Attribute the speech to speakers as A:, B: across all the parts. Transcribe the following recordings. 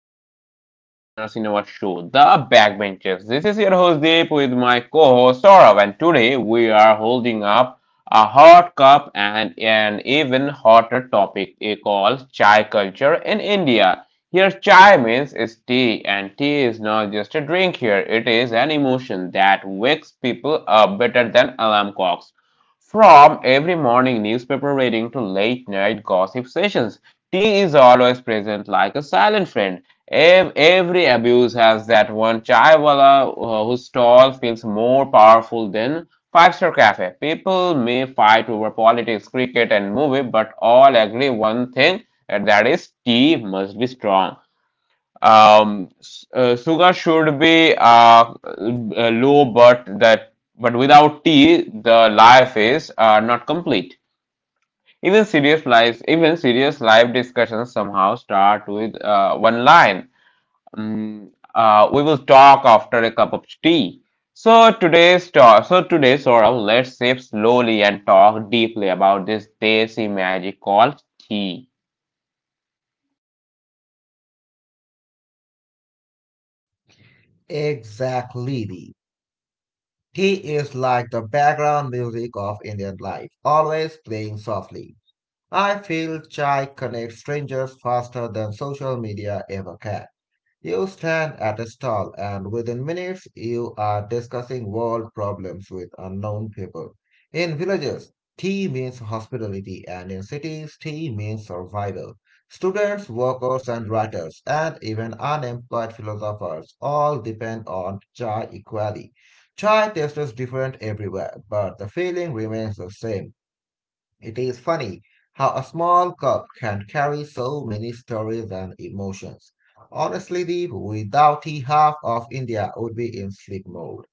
A: back to all our listeners in our show, The Backbenchers. This is your host Deep with my co-host Saurav, and today we are holding up a hot cup and an even hotter topic called chai culture in India. Here, chai means is tea, and tea is not just a drink here; it is an emotion that wakes people up better than alarm clocks. From every morning newspaper reading to late night gossip sessions, he is always present like a silent friend. Every abuse has that one chaiwala, whose stall feels more powerful than five-star cafe. People may fight over politics, cricket, and movie, but all agree one thing, and that is tea must be strong. Sugar should be low, but that but without tea, the life is not complete. Even serious life discussions somehow start with one line. Mm, we will talk after a cup of tea. So today sort of, let's sip slowly and talk deeply about this desi magic called tea.
B: Exactly. He is like the background music of Indian life, always playing softly. I feel chai connects strangers faster than social media ever can. You stand at a stall, and within minutes, you are discussing world problems with unknown people. In villages, tea means hospitality, and in cities, tea means survival. Students, workers, and writers, and even unemployed philosophers all depend on chai equally. Chai tastes different everywhere, but the feeling remains the same. It is funny how a small cup can carry so many stories and emotions. Honestly, Deep, without tea, half of India would be in sleep mode.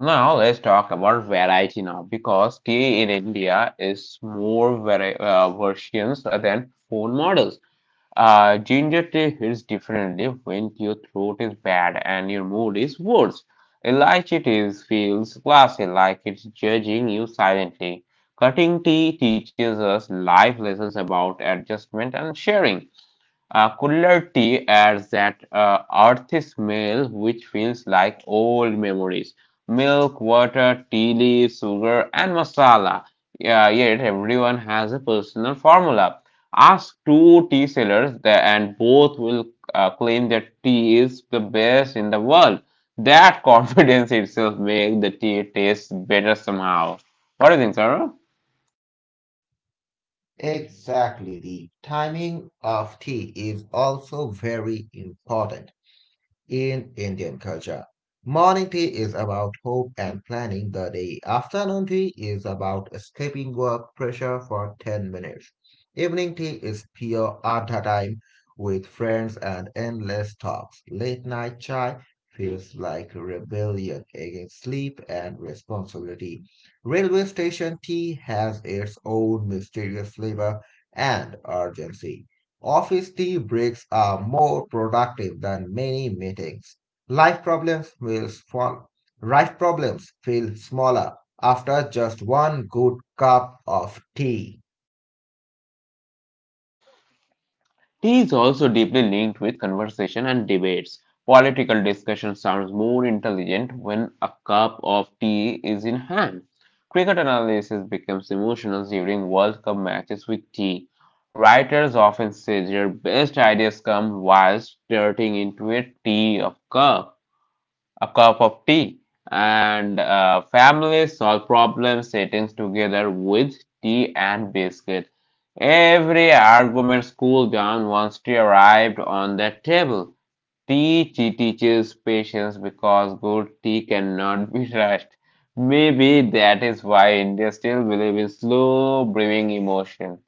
A: Now let's talk about variety now because tea in India is more versions than phone models. Ginger tea hits differently when your throat is bad and your mood is worse. Elijah tea feels classy, like it's judging you silently. Cutting tea teaches us life lessons about adjustment and sharing. Cooler tea adds that earthy smell which feels like old memories. Milk, water, tea leaves, sugar, and masala. Yeah, yet everyone has a personal formula. Ask two tea sellers, and both will claim that tea is the best in the world. That confidence itself makes the tea taste better somehow. What do you think, Sarah?
B: Exactly, the timing of tea is also very important in Indian culture. Morning tea is about hope and planning the day. Afternoon tea is about escaping work pressure for 10 minutes. Evening tea is pure Adha time with friends and endless talks. Late night chai feels like rebellion against sleep and responsibility. Railway station tea has its own mysterious flavor and urgency. Office tea breaks are more productive than many meetings. Life problems will fall. Life problems feel smaller after just one good cup of tea.
A: Tea is also deeply linked with conversation and debates. Political discussion sounds more intelligent when a cup of tea is in hand. Cricket analysis becomes emotional during World Cup matches with tea. Writers often say their best ideas come while stirring into a tea of cup a cup of tea, and families solve problem settings together with tea and biscuit. Every argument cooled down once tea arrived on the table. Tea teaches patience because good tea cannot be rushed. Maybe that is why India still believes in slow brewing emotion.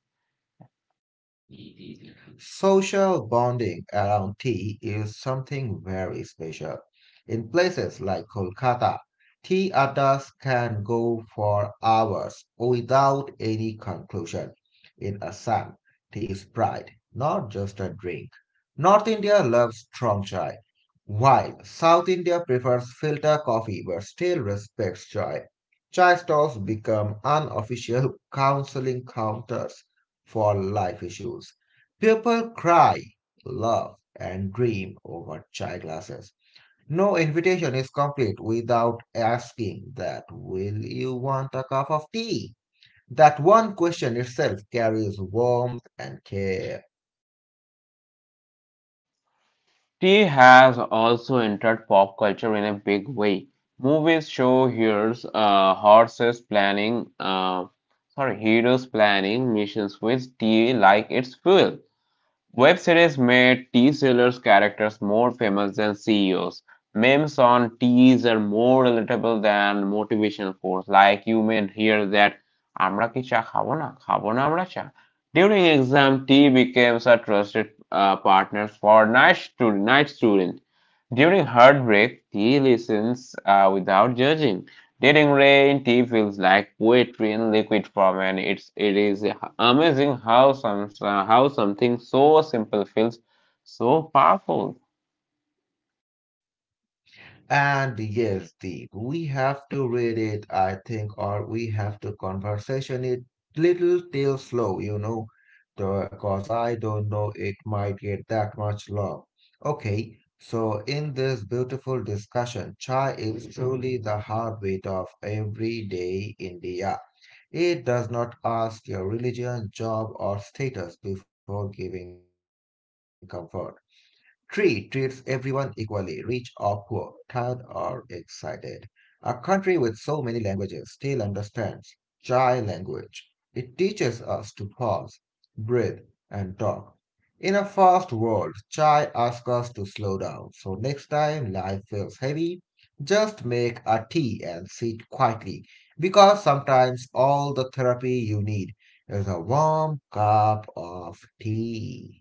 B: Social bonding around tea is something very special. In places like Kolkata, tea addas can go for hours without any conclusion. In Assam, tea is pride, not just a drink. North India loves strong chai, while South India prefers filter coffee but still respects chai. Chai stalls become unofficial counseling counters for life issues. People cry, love, and dream over chai glasses. No invitation is complete without asking that, will you want a cup of tea? That one question itself carries warmth and care.
A: Tea has also entered pop culture in a big way. Movies show heroes, horses planning, sorry, heroes planning missions with tea like its fuel. Web series made tea sellers characters more famous than CEOs. Memes on teas are more relatable than motivational quotes. Like you may hear that Amra কি চা খাবো না? খাবো না আমরা চা। During exam, T becomes a trusted partner for night student. During heartbreak, T listens without judging. During rain, T feels like poetry in liquid form, and it is amazing how some how something so simple feels so powerful.
B: And yes, Deep, we have to read it, I think, or we have to conversation it little till slow, you know, because I don't know it might get that much long. Okay, so in this beautiful discussion, chai is truly the heartbeat of everyday India. It does not ask your religion, job, or status before giving comfort. Tree treats everyone equally, rich or poor, tired or excited. A country with so many languages still understands Chai language. It teaches us to pause, breathe, and talk. In a fast world, Chai asks us to slow down, so next time life feels heavy, just make a tea and sit quietly, because sometimes all the therapy you need is a warm cup of tea.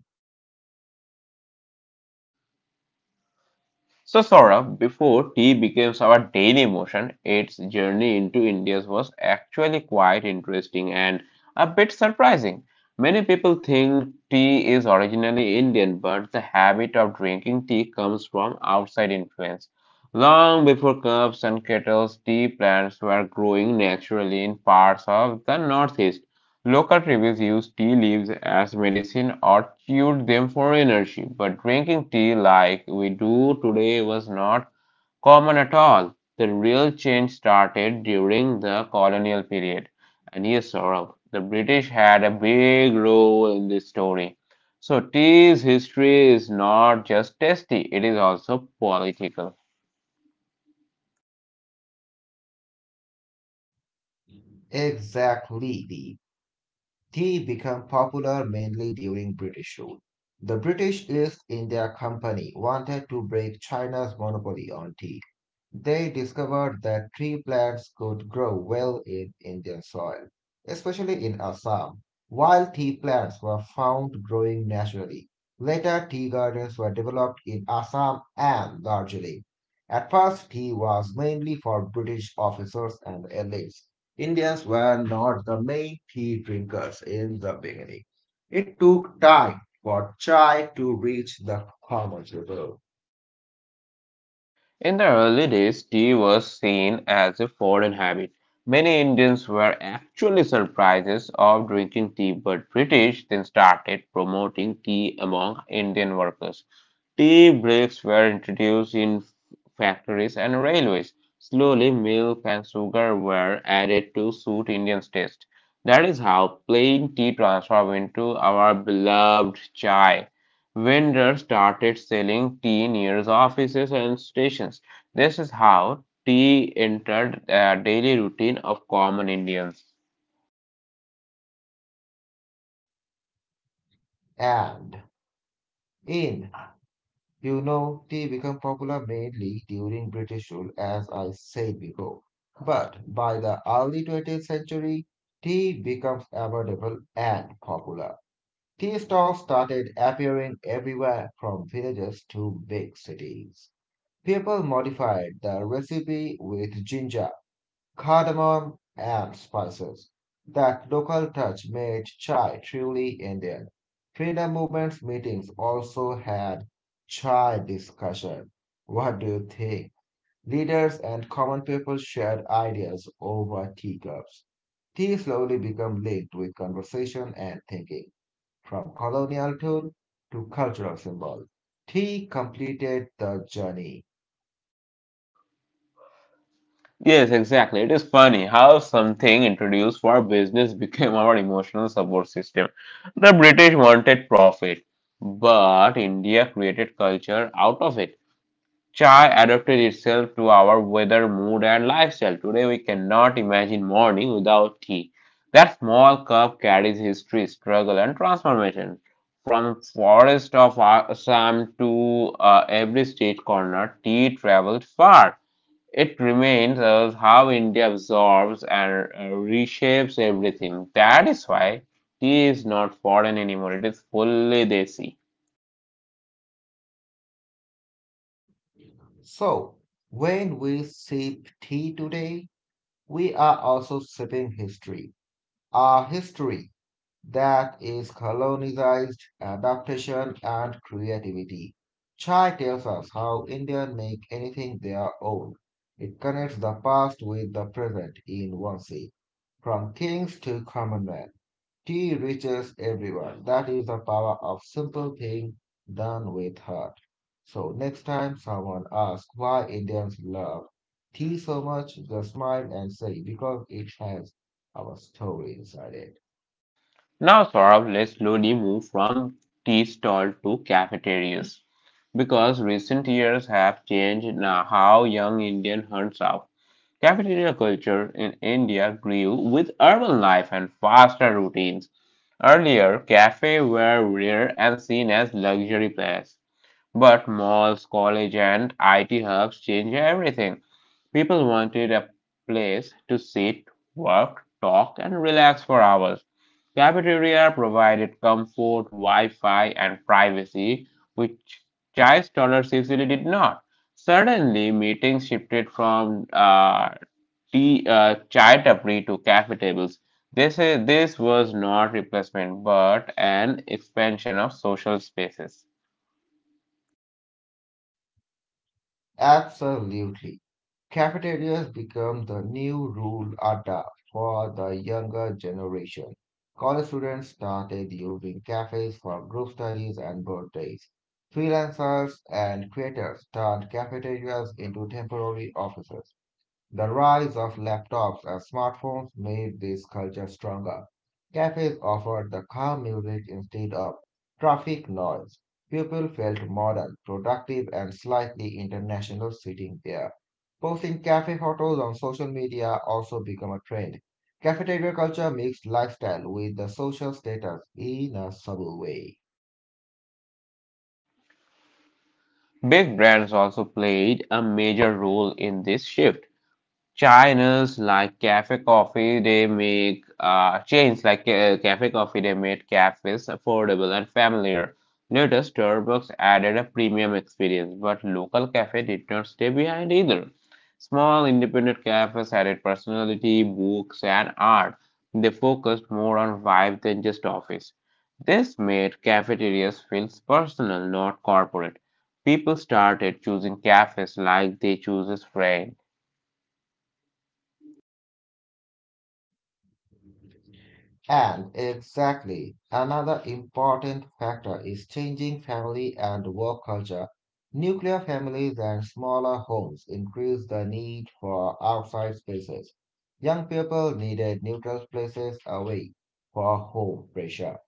A: So, Saurabh, before tea became our daily emotion, its journey into India was actually quite interesting and a bit surprising. Many people think tea is originally Indian, but the habit of drinking tea comes from outside influence. Long before cups and kettles, tea plants were growing naturally in parts of the Northeast. Local tribes used tea leaves as medicine or chewed them for energy, but drinking tea like we do today was not common at all. The real change started during the colonial period. And yes, Saurabh, the British had a big role in this story. So, tea's history is not just tasty, it is also political.
B: Exactly. The tea became popular mainly during British rule. The British East India Company wanted to break China's monopoly on tea. They discovered that tree plants could grow well in Indian soil, especially in Assam. Wild tea plants were found growing naturally. Later, tea gardens were developed in Assam and Darjeeling. At first, tea was mainly for British officers and elites. Indians were not the main tea drinkers in the beginning. It took time for chai to reach the common people.
A: In the early days, tea was seen as a foreign habit. Many Indians were actually surprised of drinking tea, but British then started promoting tea among Indian workers. Tea breaks were introduced in factories and railways. Slowly, milk and sugar were added to suit Indians' taste. That is how plain tea transformed into our beloved chai. Vendors started selling tea near offices and stations. This is how tea entered the daily routine of common Indians.
B: And in, you know, tea became popular mainly during British rule, as I said before. But by the early 20th century, tea becomes affordable and popular. Tea stalls started appearing everywhere from villages to big cities. People modified the recipe with ginger, cardamom, and spices. That local touch made chai truly Indian. Freedom movement meetings also had chai discussion. What do you think? Leaders and common people shared ideas over teacups. Tea slowly became linked with conversation and thinking, from colonial tool to cultural symbol. Tea completed the journey.
A: Yes, exactly. It is funny how something introduced for business became our emotional support system. The British wanted profit, but India created culture out of it. Chai adapted itself to our weather, mood, and lifestyle. Today, we cannot imagine morning without tea. That small cup carries history, struggle, and transformation. From forest of Assam to every state corner, tea traveled far. It remains as how India absorbs and reshapes everything. That is why tea is not foreign anymore. It is fully desi.
B: So, when we sip tea today, we are also shaping history, a history that is colonized, adaptation, and creativity. Chai tells us how Indians make anything their own. It connects the past with the present in one sea, from kings to commonwealth. Tea reaches everyone. That is the power of simple thing done with heart. So next time someone asks why Indians love tea so much, just smile and say because it has our story inside it.
A: Now, Saurabh, let's slowly move from tea stall to cafeterias because recent years have changed now how young Indian hunts out. Cafeteria culture in India grew with urban life and faster routines. Earlier, cafes were rare and seen as luxury place. But malls, college, and IT hubs changed everything. People wanted a place to sit, work, talk, and relax for hours. Cafeteria provided comfort, Wi-Fi, and privacy, which chai stalls usually did not. Suddenly, meetings shifted from chai tapri to cafe tables. This was not replacement, but an expansion of social spaces.
B: Absolutely. Cafeterias become the new rule adda for the younger generation. College students started using cafes for group studies and birthdays. Freelancers and creators turned cafeterias into temporary offices. The rise of laptops and smartphones made this culture stronger. Cafes offered the calm music instead of traffic noise. People felt modern, productive, and slightly international sitting there. Posting cafe photos on social media also become a trend. Cafeteria culture mixed lifestyle with the social status in a subtle way.
A: Big brands also played a major role in this shift. China's like cafe coffee, they make Chains like cafe coffee. They made cafes affordable and familiar. Later, Starbucks added a premium experience, but local cafe did not stay behind either. Small independent cafes added personality, books, and art. They focused more on vibe than just office. This made cafeterias feel personal, not corporate. People started choosing cafes like they choose friends.
B: And exactly, another important factor is changing family and work culture. Nuclear families and smaller homes increase the need for outside spaces. Young people needed neutral places away for home pressure.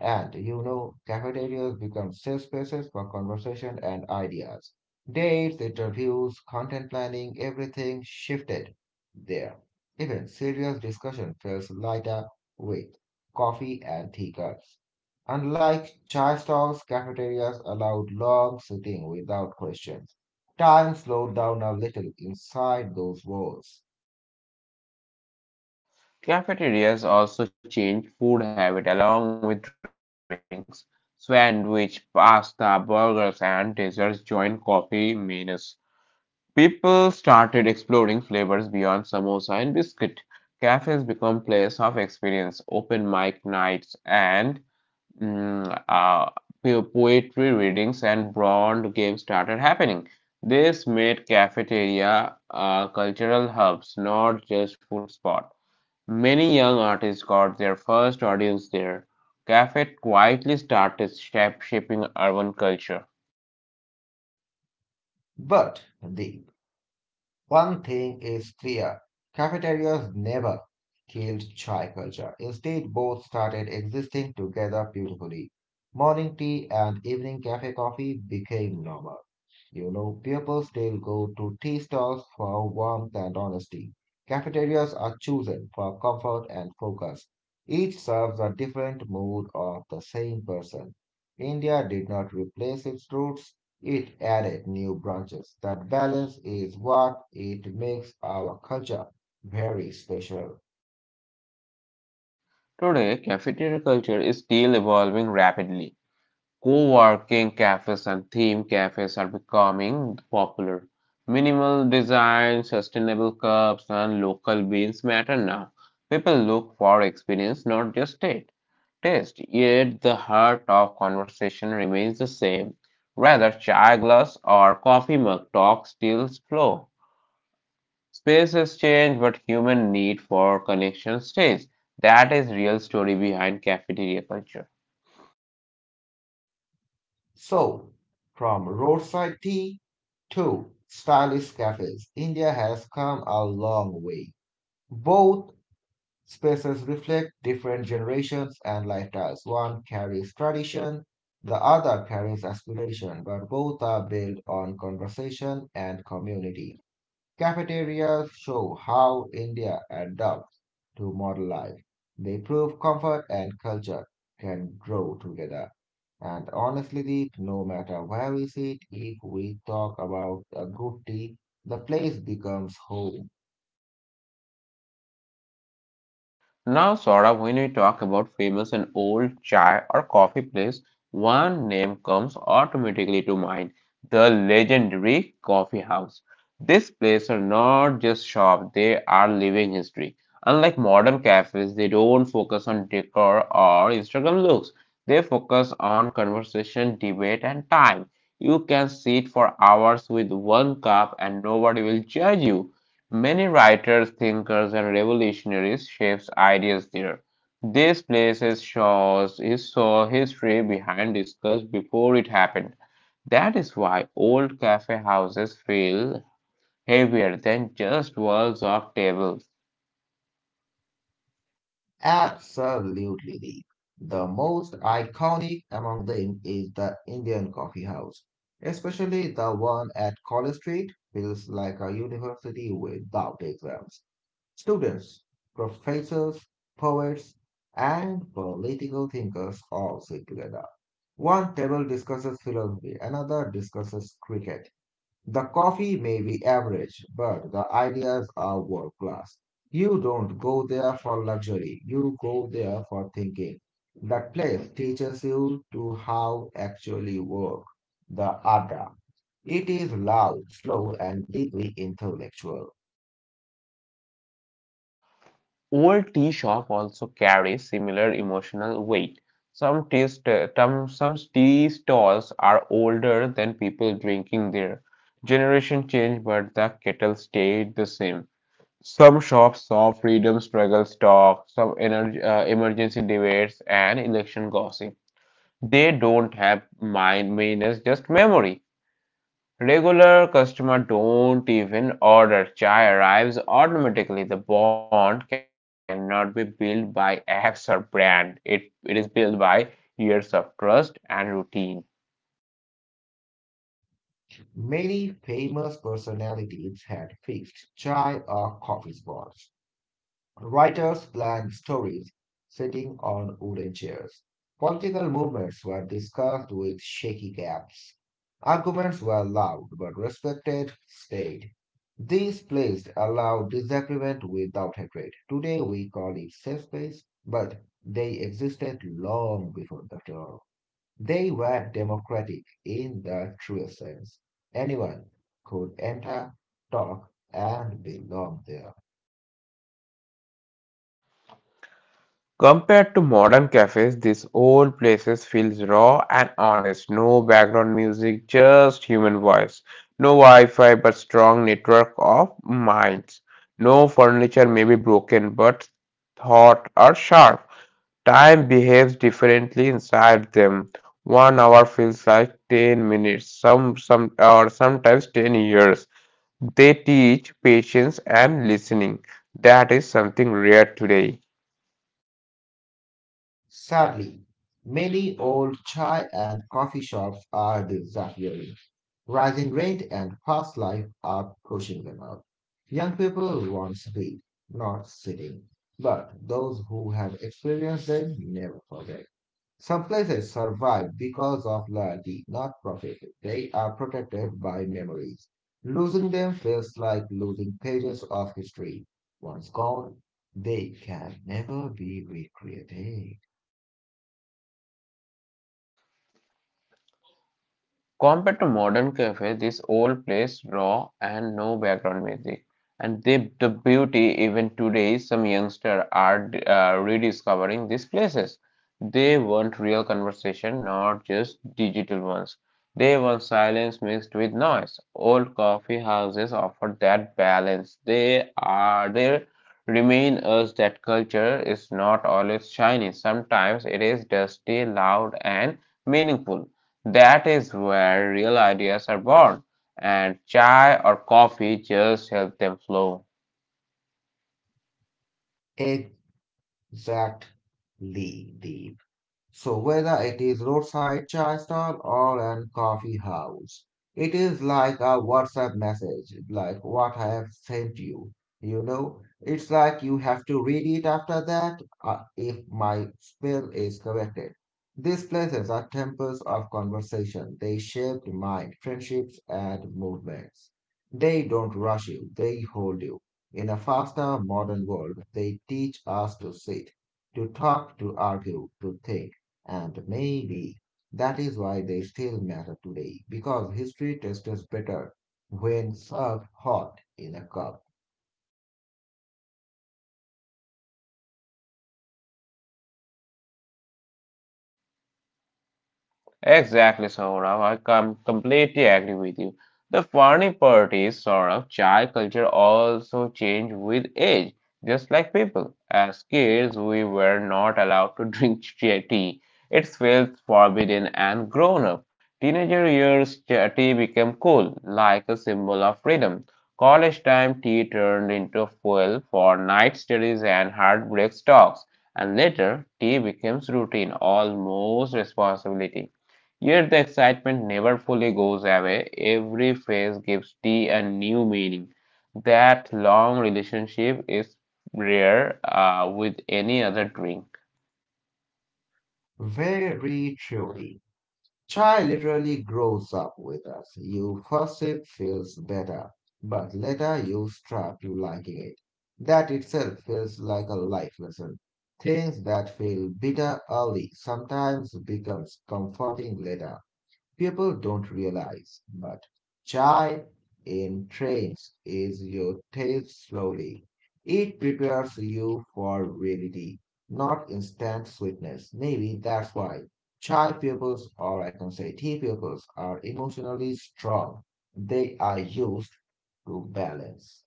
B: And you know, cafeterias become safe spaces for conversation and ideas. Dates, interviews, content planning, everything shifted there. Even serious discussion feels lighter with coffee and tea cups. Unlike chai stalls, cafeterias allowed long sitting without questions. Time slowed down a little inside those walls.
A: Cafeterias also changed food habit along with drinks. Sandwich, pasta, burgers, and desserts joined coffee menus. People started exploring flavors beyond samosa and biscuit. Cafes become place of experience, open mic nights, and mm, uh, poetry readings and board games started happening. This made cafeteria cultural hubs, not just food spots. Many young artists got their first audience there. Cafet quietly started shaping urban culture.
B: But the one thing is clear, cafeterias never killed chai culture. Instead, both started existing together beautifully. Morning tea and evening cafe coffee became normal. You know, people still go to tea stalls for warmth and honesty. Cafeterias are chosen for comfort and focus. Each serves a different mood of the same person. India did not replace its roots, it added new branches. That balance is what it makes our culture very special.
A: Today, cafeteria culture is still evolving rapidly. Co-working cafes and theme cafes are becoming popular. Minimal design, sustainable cups, and local beans matter now. People look for experience, not just taste, yet the heart of conversation remains the same. Whether chai glass or coffee mug talk still flow. Spaces change, but human need for connection stays. That is real story behind cafeteria culture.
B: So, from roadside tea to stylish cafes, India has come a long way. Both spaces reflect different generations and lifestyles. One carries tradition, the other carries aspiration, but both are built on conversation and community. Cafeterias show how India adapts to modern life. They prove comfort and culture can grow together. And honestly, Deep, no matter where we sit, if we talk about a good tea, the place becomes home.
A: Now, Saurabh, when we talk about famous and old chai or coffee place, one name comes automatically to mind: the legendary coffee house. This place are not just shop, they are living history. Unlike modern cafes, they don't focus on decor or Instagram looks. They focus on conversation, debate, and time. You can sit for hours with one cup and nobody will judge you. Many writers, thinkers, and revolutionaries shapes ideas there. These places shows his saw history behind discuss before it happened. That is why old cafe houses feel heavier than just walls of tables.
B: Absolutely, Deep. The most iconic among them is the Indian coffee house, especially the one at College Street, feels like a university without exams. Students, professors, poets, and political thinkers all sit together. One table discusses philosophy, another discusses cricket. The coffee may be average, but the ideas are world class. You don't go there for luxury, you go there for thinking. That place teaches you to how actually work the ada. It is loud, slow, and deeply intellectual.
A: Old tea shop also carries similar emotional weight. Some tea stalls are older than people drinking there. Generation change, but the kettle stayed the same. Some shops saw freedom struggles talk, some energy, emergency debates, and election gossip. They don't have mind minus just memory. Regular customer don't even order. Chai arrives automatically. The bond cannot be built by apps or brand. It is built by years of trust and routine.
B: Many famous personalities had fixed chai or coffee spots. Writers planned stories sitting on wooden chairs. Political movements were discussed with shaky caps. Arguments were loud but respected, stayed. These plays allowed disagreement without hatred. Today we call it safe space, but they existed long before the term. They were democratic in the truest sense. Anyone could enter, talk, and belong there.
A: Compared to modern cafes, these old places feels raw and honest. No background music, just human voice. No Wi-Fi, but strong network of minds. No furniture may be broken, but thought are sharp. Time behaves differently inside them. 1 hour feels like 10 minutes, or sometimes 10 years. They teach patience and listening. That is something rare today.
B: Sadly, many old chai and coffee shops are disappearing. Rising rent and fast life are pushing them out. Young people want speed, not sitting. But those who have experienced them never forget. Some places survive because of loyalty, not profit. They are protected by memories. Losing them feels like losing pages of history. Once gone, they can never be recreated.
A: Compared to modern cafes, this old plays raw and no background music. And they, the beauty, even today, some youngsters are rediscovering these places. They want real conversation, not just digital ones. They want silence mixed with noise. Old coffee houses offer that balance. They remain us that culture is not always shiny. Sometimes it is dusty, loud, and meaningful. That is where real ideas are born, and chai or coffee just help them flow.
B: A exactly the so whether it is roadside chai stall or an coffee house, it is like a WhatsApp message, like what I have sent you. You know, it's like you have to read it after that, if my spell is corrected. These places are temples of conversation. They shape the mind, friendships, and movements. They don't rush you, they hold you. In a faster modern world, they teach us to sit, to talk, to argue, to think. And maybe that is why they still matter today, because history tests us better when served hot in a cup.
A: Exactly, Saurabh. I completely agree with you. The funny part is, Saurabh, chai culture also changed with age, just like people. As kids, we were not allowed to drink chai tea. It felt forbidden and grown up. Teenager years, chai tea became cool, like a symbol of freedom. College time, tea turned into fuel for night studies and heartbreak talks. And later, tea becomes routine, almost responsibility. Yet the excitement never fully goes away. Every phase gives tea a new meaning. That long relationship is rare with any other drink.
B: Very truly. Chai literally grows up with us. You first sip feels better, but later you strap to liking it. That itself feels like a life lesson. Things that feel bitter early sometimes becomes comforting later. People don't realize, but chai in trains is your taste slowly. It prepares you for reality, not instant sweetness. Maybe that's why chai pupils, or I can say tea pupils, are emotionally strong. They are used to balance.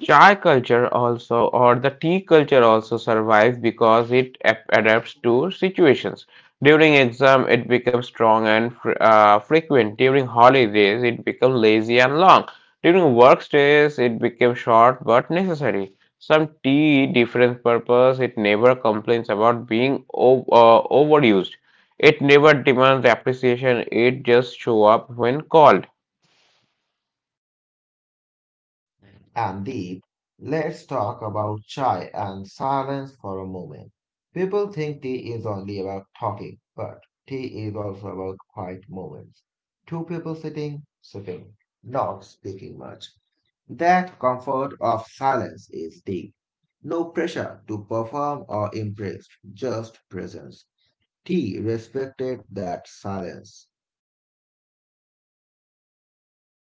A: Chai culture also, or the tea culture also survives because it adapts to situations. During exam, it becomes strong and frequent. During holidays, it becomes lazy and long. During work stays, it becomes short but necessary. Some tea different purpose. It never complains about being overused. It never demands appreciation. It just show up when called.
B: And Deep, let's talk about shy and silence for a moment. People think tea is only about talking, but tea is also about quiet moments. Two people sitting, sipping, not speaking much. That comfort of silence is deep. No pressure to perform or impress, just presence. Tea respected that silence.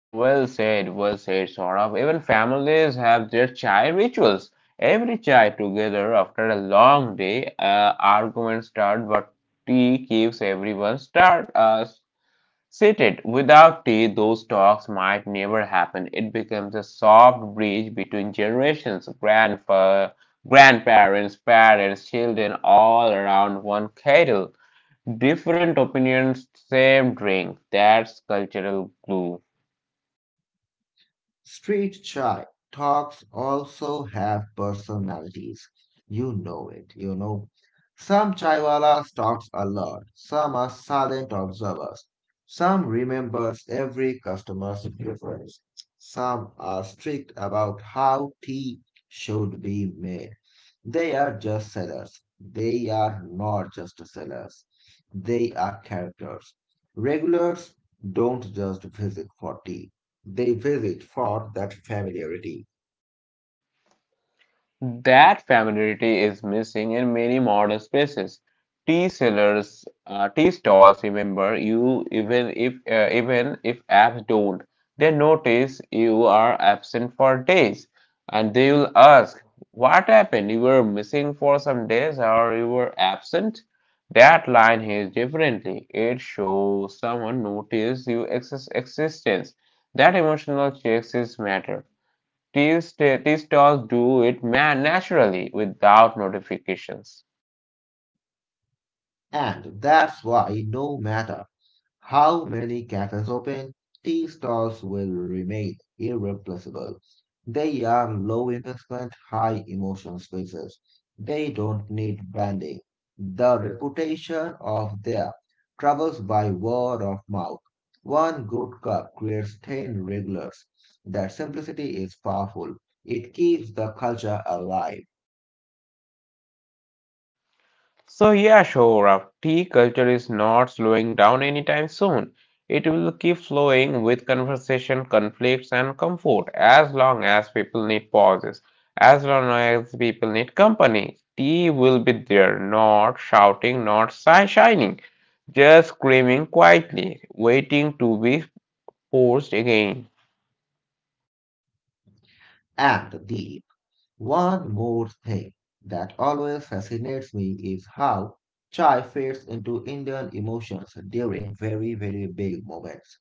A: Well said, Saurabh. Even families have their chai rituals. Every chai together after a long day, arguments start, but tea keeps everyone start seated. Without tea, those talks might never happen. It becomes a soft bridge between generations, grandpa, grandparents, parents, children, all around one kettle. Different opinions, same drink. That's cultural glue.
B: Street chai talks also have personalities. You know it, you know. Some chaiwalas talks a lot. Some are silent observers. Some remembers every customer's preference. Some are strict about how tea should be made. They are just sellers. They are not just sellers. They are characters. Regulars don't just visit for tea. They visit for that familiarity.
A: That familiarity is missing in many modern spaces. Tea sellers, tea stalls remember you even if apps don't. They notice you are absent for days, and they will ask, "What happened? You were missing for some days, or you were absent?" That line hits differently. It shows someone noticed your existence. That emotional checks is matter. These stores do it man naturally without notifications.
B: And that's why no matter how many cafes open, tea stalls will remain irreplaceable. They are low investment, high emotion spaces. They don't need branding. The reputation of their travels by word of mouth. One good cup creates 10 regulars. That simplicity is powerful. It keeps the culture alive
A: So yeah, sure Shohra, tea culture is not slowing down anytime soon. It will keep flowing with conversation, conflicts, and comfort as long as people need pauses, as long as people need company. Tea will be there, not shouting, not shining, just screaming quietly, waiting to be forced again.
B: and the one more thing that always fascinates me is how chai fades into Indian emotions during very, very big moments.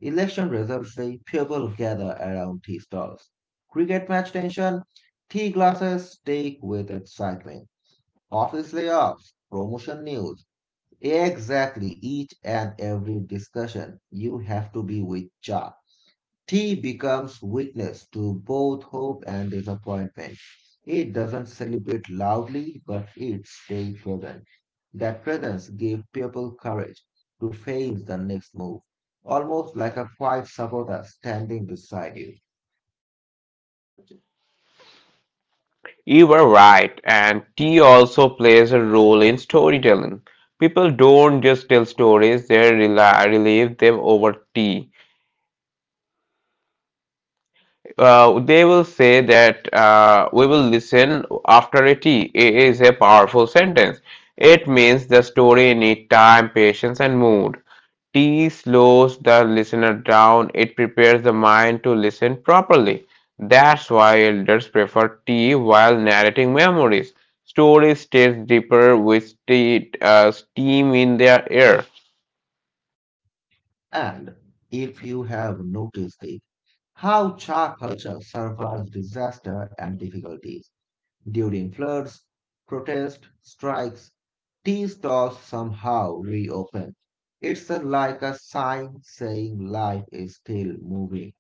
B: Election results day, people gather around tea stalls. Cricket match tension, tea glasses take with excitement. Office layoffs, promotion news. Exactly each and every discussion you have to be with chai. Tea becomes witness to both hope and disappointment. It doesn't celebrate loudly, but it stays present. That presence gave people courage to face the next move, almost like a quiet supporter standing beside you.
A: You were right, and tea also plays a role in storytelling. People don't just tell stories, they relive them over tea. They will say that we will listen after a tea. It is a powerful sentence. It means the story needs time, patience, and mood. Tea slows the listener down, it prepares the mind to listen properly. That's why elders prefer tea while narrating memories. Stories stays deeper with tea, steam in their air.
B: And if you have noticed it, how Cha culture survives disaster and difficulties during floods, protests, strikes, tea stalls somehow reopen. It's like a sign saying life is still moving.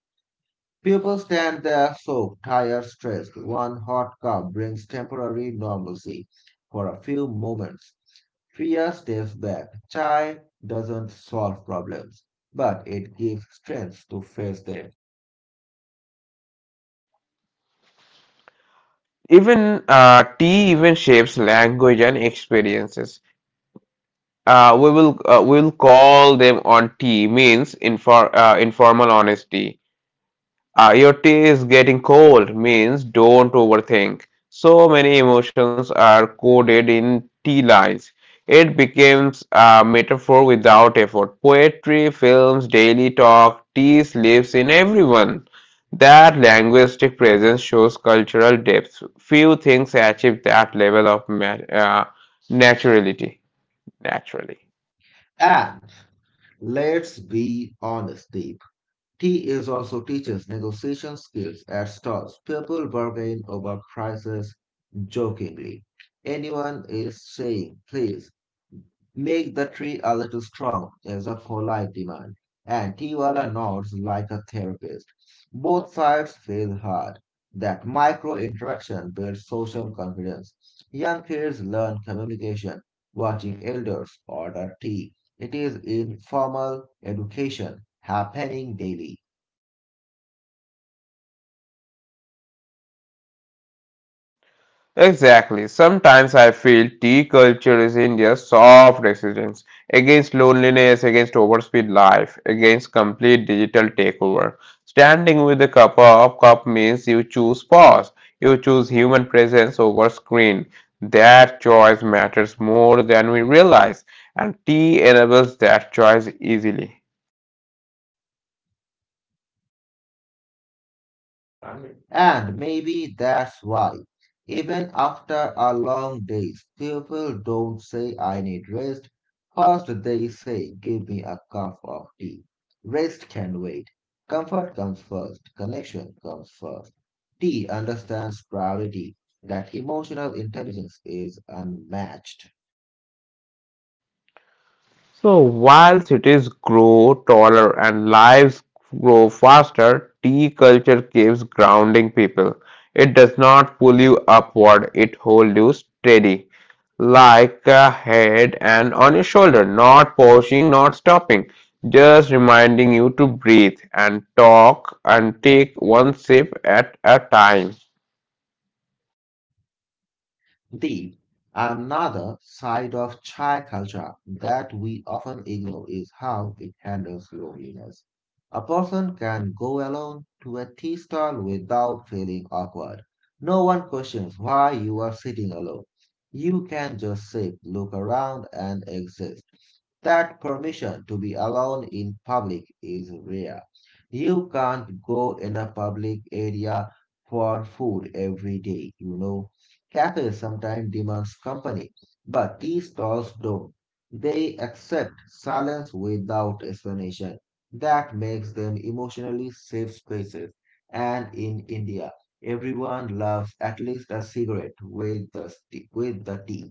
B: People stand there soaked, tired, stressed. One hot cup brings temporary normalcy for a few moments. Fear steps back. Chai doesn't solve problems, but it gives strength to face them.
A: Even tea even shapes language and experiences. We will call them on tea means informal honesty. Your tea is getting cold means don't overthink. So many emotions are coded in tea lines. It becomes a metaphor without effort. Poetry, films, daily talk, tea lives in everyone. That linguistic presence shows cultural depth. Few things achieve that level of naturality. Naturally.
B: And let's be honest, Deep. Tea is also teaches negotiation skills at stalls. People bargain over prices jokingly. Anyone is saying, please make the tree a little strong is a polite demand, and Tiwala nods like a therapist. Both sides feel hard. That micro interaction builds social confidence. Young kids learn communication, watching elders order tea. It is informal education happening daily.
A: Exactly. Sometimes I feel tea culture is India's soft resistance against loneliness, against overspeed life, against complete digital takeover. Standing with a cup of cup means you choose pause, you choose human presence over screen. That choice matters more than we realize, and tea enables that choice easily.
B: And maybe that's why even after a long day, people don't say, I need rest. First, they say, give me a cup of tea. Rest can wait. Comfort comes first. Connection comes first. Tea understands priority, that emotional intelligence is unmatched.
A: So while cities grow taller and lives grow faster, tea culture keeps grounding people. It does not pull you upward, it holds you steady, like a head and on your shoulder, not pushing, not stopping, just reminding you to breathe and talk and take one sip at a time.
B: The another side of Thai culture that we often ignore is how it handles loneliness. A person can go alone to a tea stall without feeling awkward. No one questions why you are sitting alone. You can just sit, look around, and exist. That permission to be alone in public is rare. You can't go in a public area for food every day, Cafes sometimes demand company, but tea stalls don't. They accept silence without explanation. That makes them emotionally safe spaces. And in India, everyone loves at least a cigarette with the tea.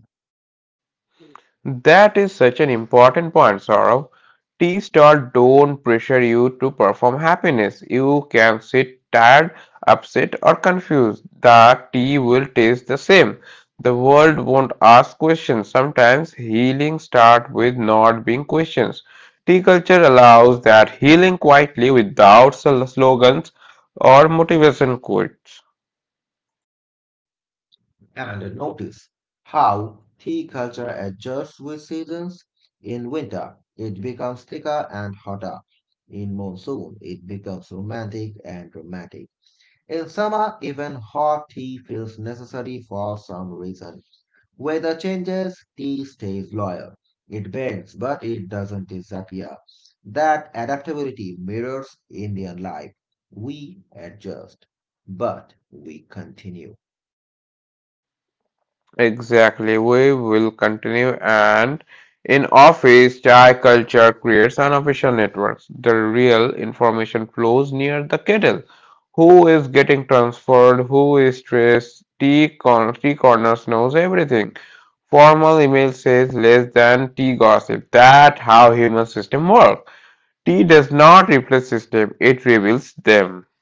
A: That is such an important point, Saurav. Tea stall don't pressure you to perform happiness. You can sit tired, upset, or confused. The tea will taste the same. The world won't ask questions. Sometimes healing starts with not being questions. Tea culture allows that healing quietly without slogans or motivation quotes.
B: And notice how tea culture adjusts with seasons. In winter, it becomes thicker and hotter. In monsoon, it becomes romantic and dramatic. In summer, even hot tea feels necessary for some reason. Weather changes, tea stays loyal. It bends, but it doesn't disappear. That adaptability mirrors Indian life. We adjust, but we continue.
A: Exactly, we will continue and in office, chai culture creates unofficial networks. The real information flows near the kettle. Who is getting transferred? Who is stressed? Tea corners knows everything. Formal email says less than tea gossip. That how human system work. Tea does not replace system; it reveals them.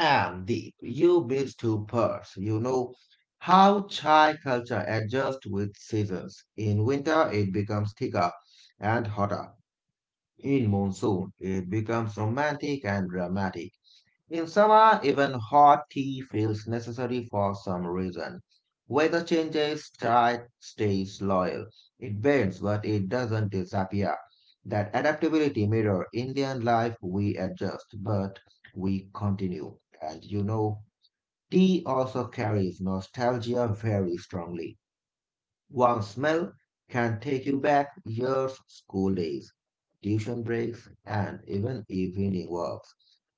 B: And the you build two parts. You know how Thai culture adjusts with seasons. In winter, it becomes thicker and hotter. In monsoon, it becomes romantic and dramatic. In summer, even hot tea feels necessary for some reason. Weather changes, tide stays loyal. It bends, but it doesn't disappear. That adaptability mirror Indian life, we adjust, but we continue. And you know, tea also carries nostalgia very strongly. One smell can take you back years, school days, tuition breaks, and even evening walks.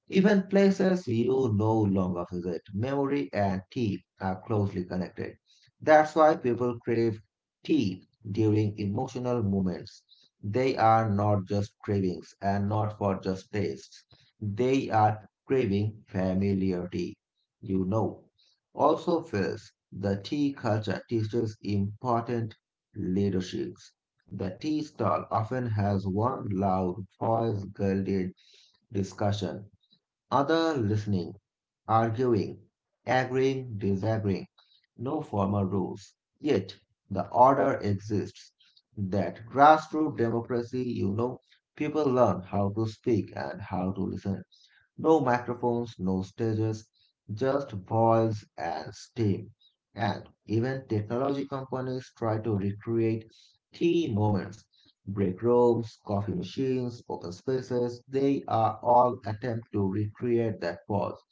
B: Even places you no longer visit, memory and tea are closely connected. That's why people crave tea during emotional moments. They are not just cravings and not for just tastes. They are craving familiarity. You know. Also feels the tea culture teaches important leaderships. The tea stall often has one loud, voice-guided discussion other listening, arguing, agreeing, disagreeing, no formal rules. Yet the order exists. That grassroots democracy, people learn how to speak and how to listen. No microphones, no stages, just voice and steam. And even technology companies try to recreate key moments. Break rooms, coffee machines, open spaces, they are all attempt to recreate that pause.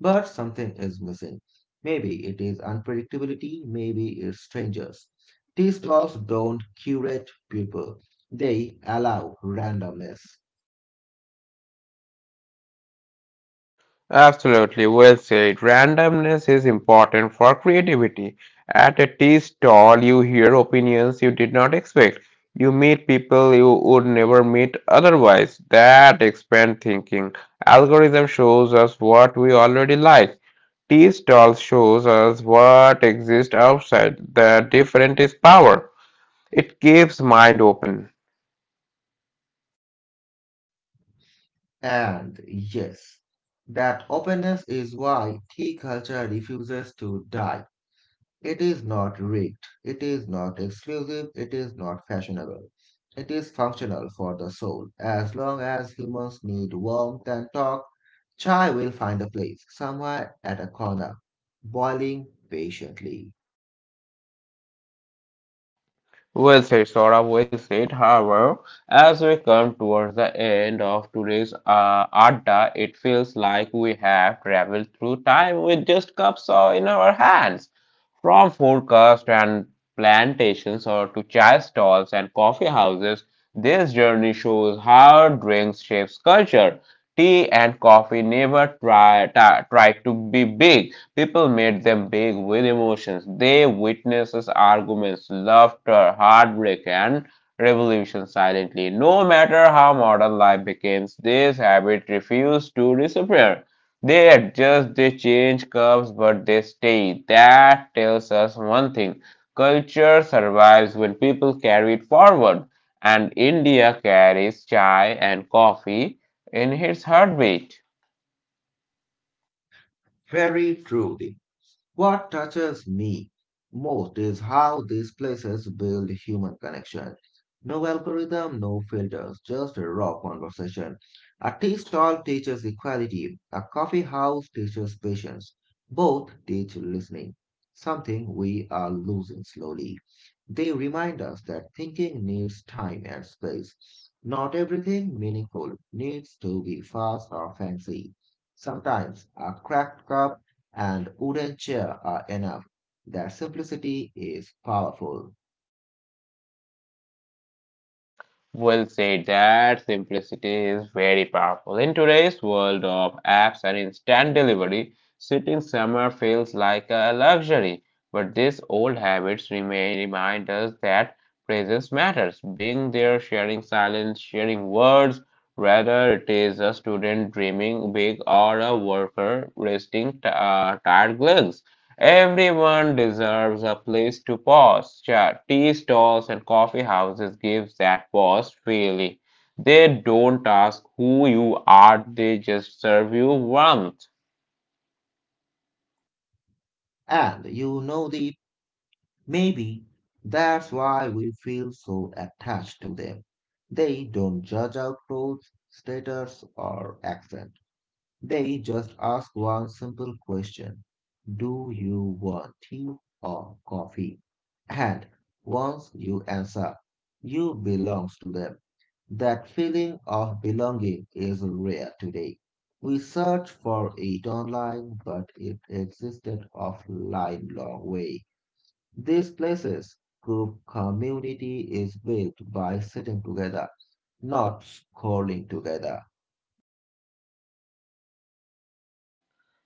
B: But something is missing. Maybe it is unpredictability, maybe it's strangers. These laws don't curate people. They allow randomness.
A: Absolutely, well said. Randomness is important for creativity. At a tea stall, you hear opinions you did not expect. You meet people you would never meet otherwise. That expands thinking. Algorithm shows us what we already like. Tea stall shows us what exists outside. The different is power. It keeps mind open.
B: And yes, that openness is why tea culture refuses to die. It is not rigged, it is not exclusive, it is not fashionable. It is functional for the soul. As long as humans need warmth and talk, chai will find a place, somewhere at a corner, boiling patiently.
A: Well said, Saurabh. Well said. However, as we come towards the end of today's Adda, it feels like we have traveled through time with just cups in our hands. From forecasts and plantations or to chai stalls and coffee houses, this journey shows how drinks shapes culture. Tea and coffee never try to be big. People made them big with emotions. They witnessed arguments, laughter, heartbreak, and revolution silently. No matter how modern life became, this habit refused to disappear. They adjust, they change curves, but they stay. That tells us one thing culture survives when people carry it forward. And India carries chai and coffee in its heartbeat.
B: Very truly. What touches me most is how these places build human connection. No algorithm, no filters, just a raw conversation. A tea stall teaches equality, a coffee house teaches patience. Both teach listening, something we are losing slowly. They remind us that thinking needs time and space. Not everything meaningful needs to be fast or fancy. Sometimes a cracked cup and wooden chair are enough. That simplicity is powerful.
A: Will say that simplicity is very powerful. In today's world of apps and instant delivery, sitting somewhere feels like a luxury. But these old habits remain remind us that presence matters. Being there, sharing silence, sharing words, whether it is a student dreaming big or a worker resting tired legs. Everyone deserves a place to pause. Tea stalls and coffee houses give that pause freely. They don't ask who you are, they just serve you warmth.
B: And you know the maybe that's why we feel so attached to them. They don't judge our clothes, status, or accent. They just ask one simple question. Do you want tea or coffee? And once you answer, you belongs to them. That feeling of belonging is rare today. We search for it online, but it existed offline long way. These places, group community is built by sitting together, not scrolling together.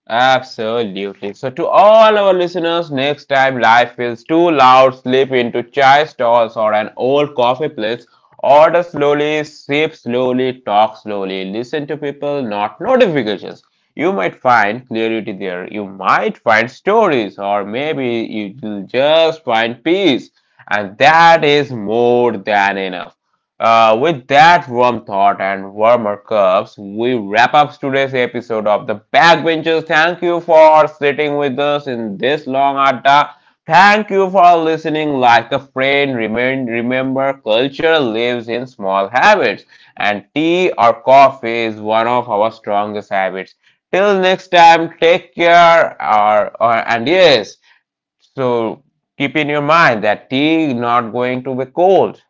A: Absolutely. So, to all our listeners, next time life feels too loud, slip into chai stalls or an old coffee place. Order slowly, sip slowly, talk slowly, listen to people, not notifications. You might find clarity there. You might find stories, or maybe you will just find peace. And that is more than enough. With that warm thought and warmer cups, we wrap up today's episode of The Backbenchers. Thank you for sitting with us in this long adda. Thank you for listening like a friend. Remember, culture lives in small habits, and tea or coffee is one of our strongest habits. Till next time, take care. Or and yes, so keep in your mind that tea is not going to be cold.